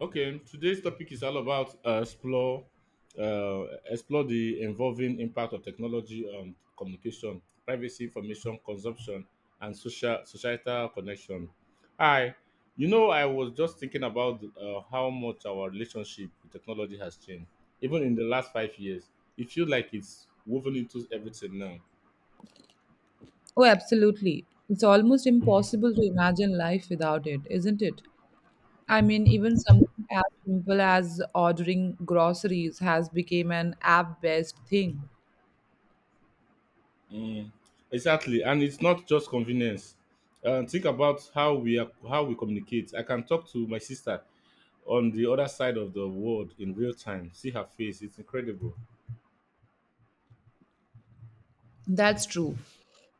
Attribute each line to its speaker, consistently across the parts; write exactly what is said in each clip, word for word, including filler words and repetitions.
Speaker 1: Okay, today's topic is all about uh, explore uh, explore the involving impact of technology on communication, privacy, information consumption, and social societal connection. Hi, you know, I was just thinking about uh, how much our relationship with technology has changed, even in the last five years. It feels like it's woven into everything now.
Speaker 2: Oh, absolutely. It's almost impossible to imagine life without it, isn't it? I mean, even something as simple as ordering groceries has become an app-based thing.
Speaker 1: Mm, exactly, and it's not just convenience. Uh, think about how we are, how we communicate. I can talk to my sister on the other side of the world in real time. See her face; it's incredible.
Speaker 2: That's true.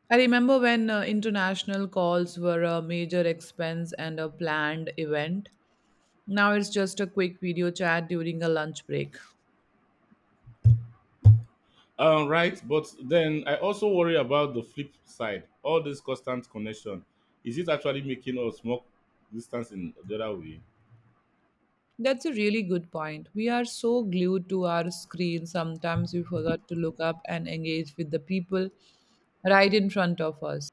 Speaker 2: I remember when uh, international calls were a major expense and a planned event. Now it's just a quick video chat during a lunch break.
Speaker 1: Um, right, but then I also worry about the flip side. All this constant connection, is it actually making us more distance in the other way?
Speaker 2: That's a really good point. We are so glued to our screen, sometimes we forgot to look up and engage with the people right in front of us.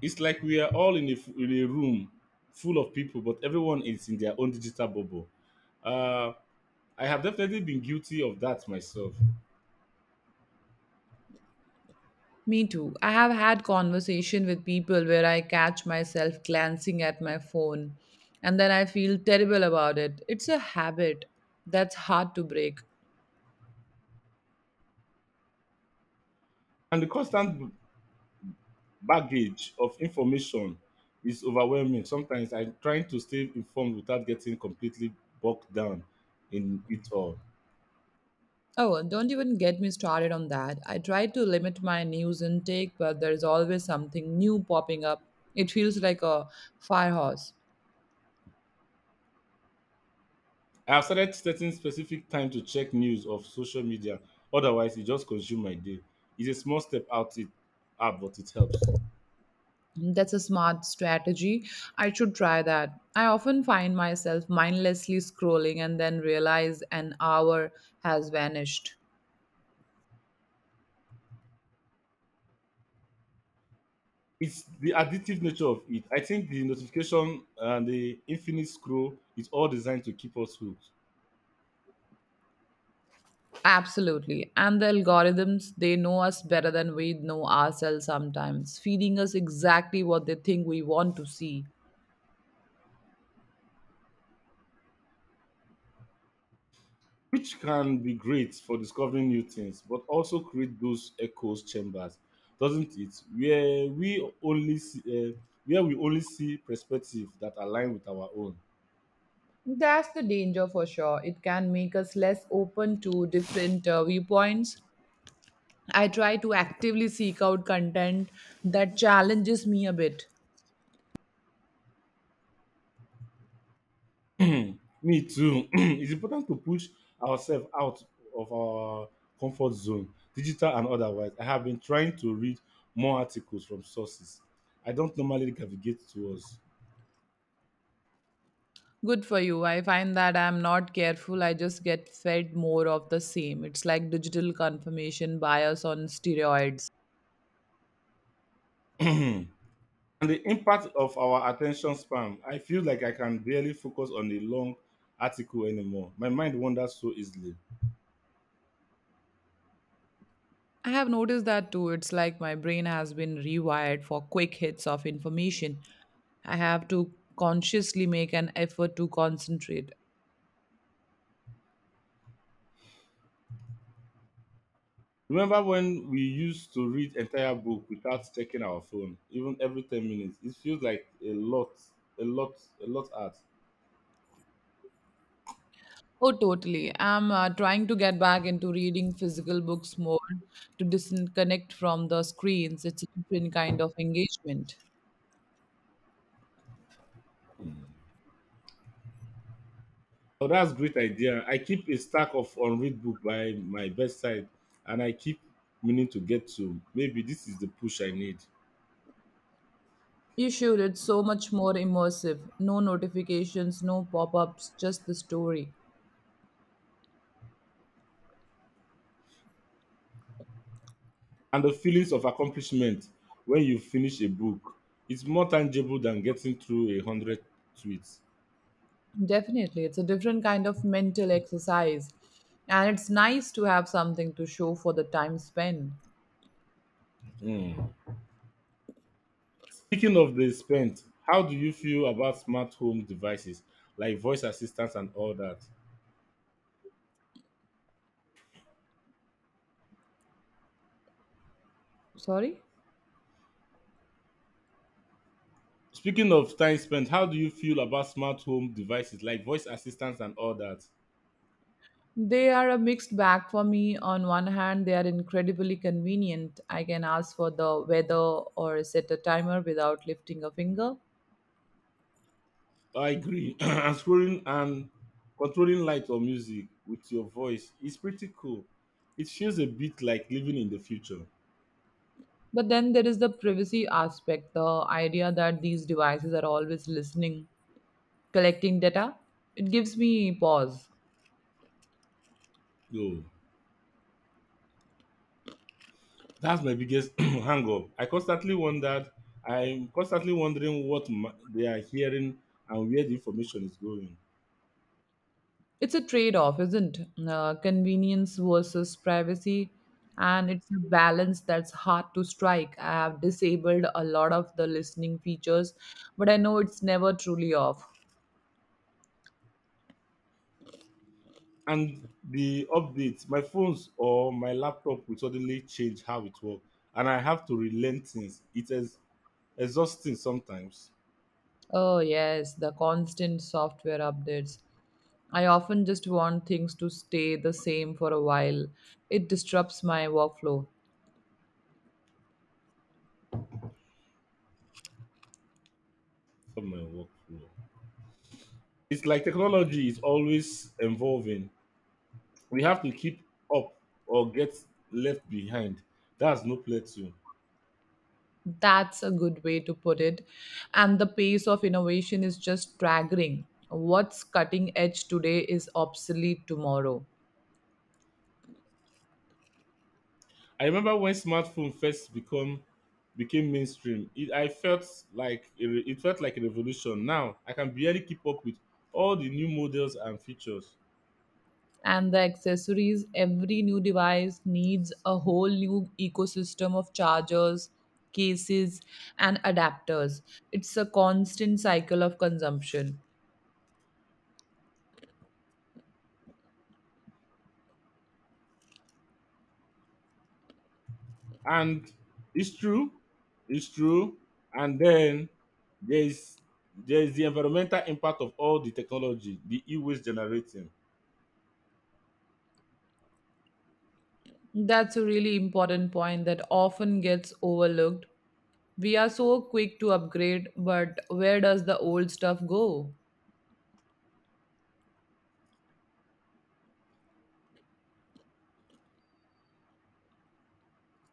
Speaker 1: It's like we are all in a, f- in a room full of people, but everyone is in their own digital bubble. Uh, I have definitely been guilty of that myself.
Speaker 2: Me too. I have had conversation with people where I catch myself glancing at my phone and then I feel terrible about it. It's a habit that's hard to break.
Speaker 1: And the constant baggage of information is overwhelming sometimes. I'm trying to stay informed without getting completely bogged down in it all.
Speaker 2: Oh, don't even get me started on that. I try to limit my news intake, but there's always something new popping up. It feels like a fire hose.
Speaker 1: I have started setting specific time to check news of social media. Otherwise it just consumes my day. It's a small step out it out but it helps.
Speaker 2: That's a smart strategy. I should try that. I often find myself mindlessly scrolling and then realize an hour has vanished.
Speaker 1: It's the addictive nature of it. I think the notification and the infinite scroll is all designed to keep us hooked,
Speaker 2: Absolutely. And the algorithms, they know us better than we know ourselves sometimes, feeding us exactly what they think we want to see.
Speaker 1: which can be great for discovering new things, but also create those echoes chambers, doesn't it? Where we only see, uh, where we only see perspectives that align with our own.
Speaker 2: That's the danger for sure. It can make us less open to different uh, viewpoints. I try to actively seek out content that challenges me a bit.
Speaker 1: Me too. it's important to push ourselves out of our comfort zone, digital and otherwise. I have been trying to read more articles from sources I don't normally navigate towards.
Speaker 2: Good for you. I find that I'm not careful. I just get fed more of the same. It's like digital confirmation bias on steroids.
Speaker 1: and the impact of our attention span. I feel like I can barely focus on a long article anymore. My mind wanders so easily.
Speaker 2: I have noticed that too. It's like my brain has been rewired for quick hits of information. I have to consciously make an effort to concentrate.
Speaker 1: Remember when we used to read entire book without checking our phone, even every ten minutes? It feels like a lot, a lot, a lot art.
Speaker 2: Oh, totally. I'm uh, trying to get back into reading physical books more to disconnect from the screens. It's a different kind of engagement.
Speaker 1: So that's great idea. I keep a stack of unread book by my bedside and I keep meaning to get to. Maybe this is the push I need.
Speaker 2: You should, it's so much more immersive. No notifications, no pop ups, just the story.
Speaker 1: And the feelings of accomplishment when you finish a book, it's more tangible than getting through a hundred tweets.
Speaker 2: Definitely, it's a different kind of mental exercise. And it's nice to have something to show for the time spent.
Speaker 1: Mm. Speaking of the spent, how do you feel about smart home devices like voice assistants and all that?
Speaker 2: Sorry?
Speaker 1: Speaking of time spent, how do you feel about smart home devices like voice assistants and all that?
Speaker 2: They are a mixed bag for me. On one hand, they are incredibly convenient. I can ask for the weather or set a timer without lifting a finger.
Speaker 1: I agree. and scrolling and controlling light or music with your voice is pretty cool. It feels a bit like living in the future.
Speaker 2: But then there is the privacy aspect, the idea that these devices are always listening collecting data, it gives me pause.
Speaker 1: Yo. That's my biggest hang up. I constantly wondered, I'm constantly wondering what ma- they are hearing and where the information is going.
Speaker 2: It's a trade off, isn't it? Uh, convenience versus privacy. And it's a balance that's hard to strike. I have disabled a lot of the listening features, but I know it's never truly off.
Speaker 1: And the updates, my phones or my laptop will suddenly change how it works. And I have to relent things. It is exhausting sometimes
Speaker 2: Oh, yes, the constant software updates. I often just want things to stay the same for a while. It disrupts my workflow.
Speaker 1: for my workflow. It's like technology is always evolving. We have to keep up or get left behind. That's no plateau.
Speaker 2: That's a good way to put it. And the pace of innovation is just staggering. What's cutting edge today is obsolete tomorrow.
Speaker 1: I remember when smartphone first become became mainstream. It, I felt like a re- it felt like a revolution. Now I can barely keep up with all the new models and features.
Speaker 2: And the accessories, every new device needs a whole new ecosystem of chargers, cases, and adapters. It's a constant cycle of consumption.
Speaker 1: And it's true, it's true. And then there's there's the environmental impact of all the technology, the e-waste generating.
Speaker 2: That's a really important point that often gets overlooked. We are so quick to upgrade, but where does the old stuff go?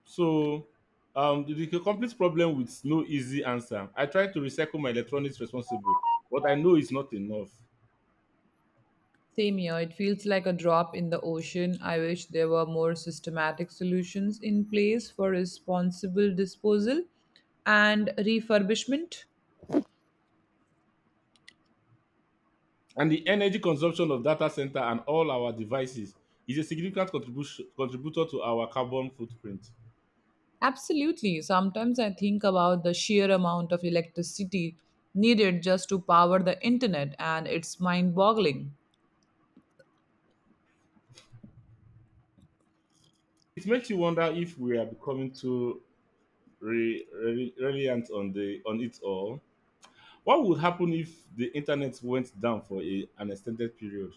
Speaker 1: So um the, the complete problem with no easy answer. I try to recycle my electronics responsible, but I know it's not enough.
Speaker 2: Same here, it feels like a drop in the ocean. I wish there were more systematic solutions in place for responsible disposal and refurbishment.
Speaker 1: And the energy consumption of data center and all our devices is a significant contribution contributor to our carbon footprint.
Speaker 2: Absolutely. Sometimes I think about the sheer amount of electricity needed just to power the internet, and it's mind boggling.
Speaker 1: It makes you wonder if we are becoming too re- re- reliant on the on it all. What would happen if the internet went down for a, an extended period?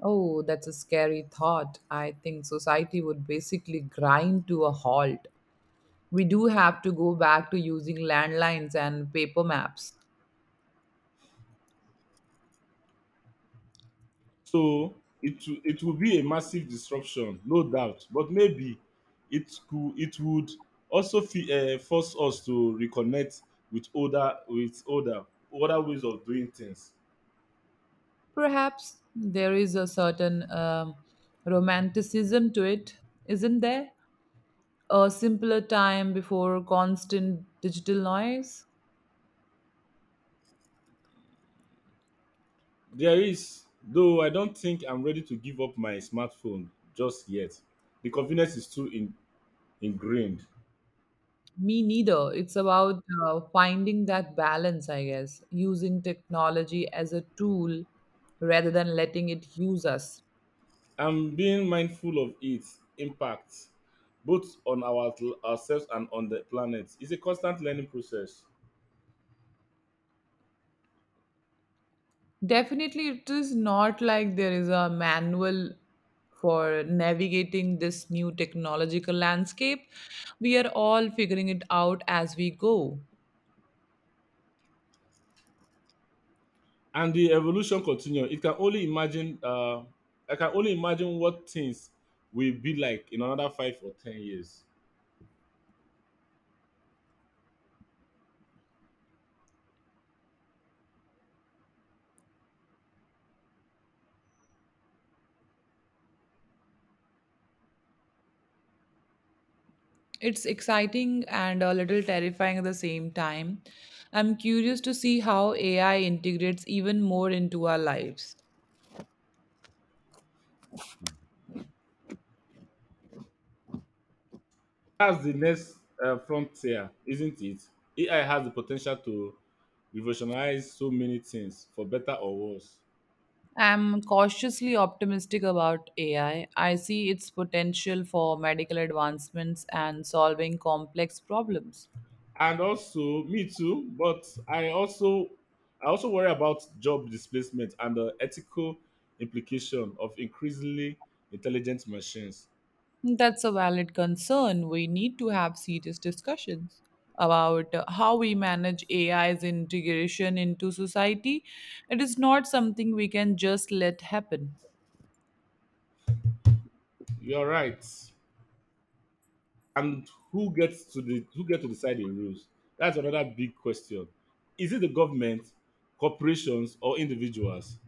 Speaker 2: Oh, that's a scary thought. I think society would basically grind to a halt. We do have to go back to using landlines and paper maps.
Speaker 1: So it will- it will be a massive disruption, no doubt. But maybe it could it would also uh, force us to reconnect with older with older older ways of doing things.
Speaker 2: Perhaps there is a certain um, romanticism to it, isn't there? A simpler time before constant digital noise?
Speaker 1: There is, though I don't think I'm ready to give up my smartphone just yet. The convenience is too in, ingrained.
Speaker 2: Me neither. It's about uh, finding that balance, I guess, using technology as a tool rather than letting it use us.
Speaker 1: I'm being mindful of its impact, both on our, ourselves and on the planet. It's a constant learning process,
Speaker 2: Definitely, it is not like there is a manual for navigating this new technological landscape. We are all figuring it out as we go.
Speaker 1: and the evolution continues. It can only imagine. Uh, I can only imagine what things will be like in another five or ten years.
Speaker 2: It's exciting and a little terrifying at the same time. I'm curious to see how A I integrates even more into our lives.
Speaker 1: That's the next uh, frontier, isn't it? A I has the potential to revolutionize so many things for better or worse.
Speaker 2: I'm cautiously optimistic about A I. I I see its potential for medical advancements and solving complex problems.
Speaker 1: And also, me too, but I also I also worry about job displacement and the ethical implication of increasingly intelligent machines.
Speaker 2: That's a valid concern. We need to have serious discussions about uh, how we manage A I's integration into society. It is not something we can just let happen.
Speaker 1: You're right. And who gets to the who get to decide the rules? That's another big question. Is it the government, corporations, or individuals?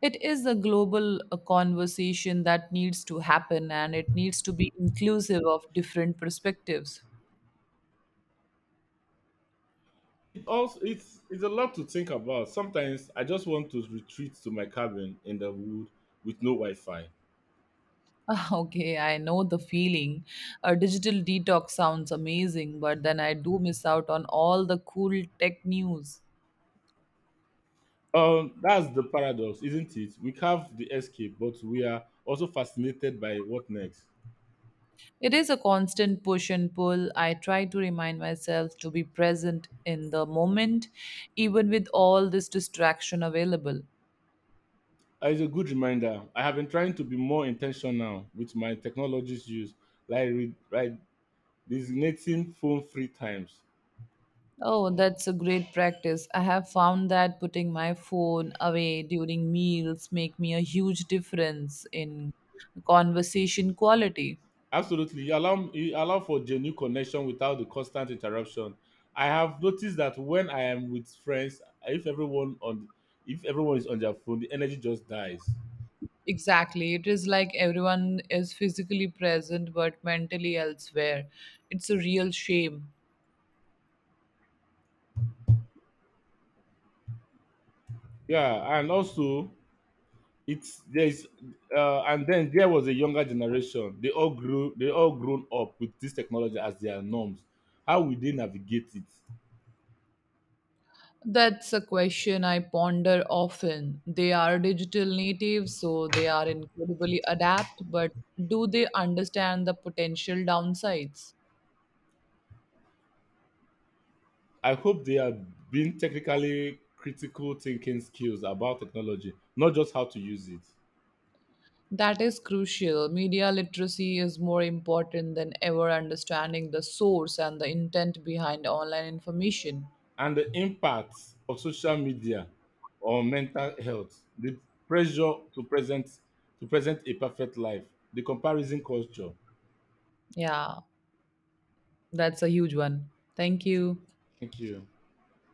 Speaker 2: It is a global uh, conversation that needs to happen and it needs to be inclusive of different perspectives.
Speaker 1: Also, it's it's a lot to think about. Sometimes I just want to retreat to my cabin in the wood with no Wi-Fi.
Speaker 2: Ah, okay, I know the feeling. A digital detox sounds amazing, but then I do miss out on all the cool tech news.
Speaker 1: Um, that's the paradox, isn't it? We have the escape, but we are also fascinated by what next.
Speaker 2: It is a constant push and pull. I try to remind myself to be present in the moment, even with all this distraction available.
Speaker 1: Uh, It's a good reminder. I have been trying to be more intentional with my technologies use, like re- like designating phone free times.
Speaker 2: Oh, that's a great practice. I have found that putting my phone away during meals make me a huge difference in conversation quality.
Speaker 1: Absolutely. You allow, you allow for genuine connection without the constant interruption. I have noticed that when I am with friends, if everyone on if everyone is on their phone, the energy just dies.
Speaker 2: Exactly. It is like everyone is physically present but mentally elsewhere. It's a real shame.
Speaker 1: Yeah, and also, it's there's uh, and then there was a younger generation. They all grew they all grown up with this technology as their norms. How will they navigate it?
Speaker 2: That's a question I ponder often. They are digital natives, so they are incredibly adept, but do they understand the potential downsides?
Speaker 1: I hope they are being technically critical thinking skills about technology, not just how to use it.
Speaker 2: That is crucial. Media literacy is more important than ever understanding the source and the intent behind online information.
Speaker 1: And the impact of social media on mental health, the pressure to present to present a perfect life, the comparison culture.
Speaker 2: Yeah, that's a huge one. Thank you.
Speaker 1: Thank you.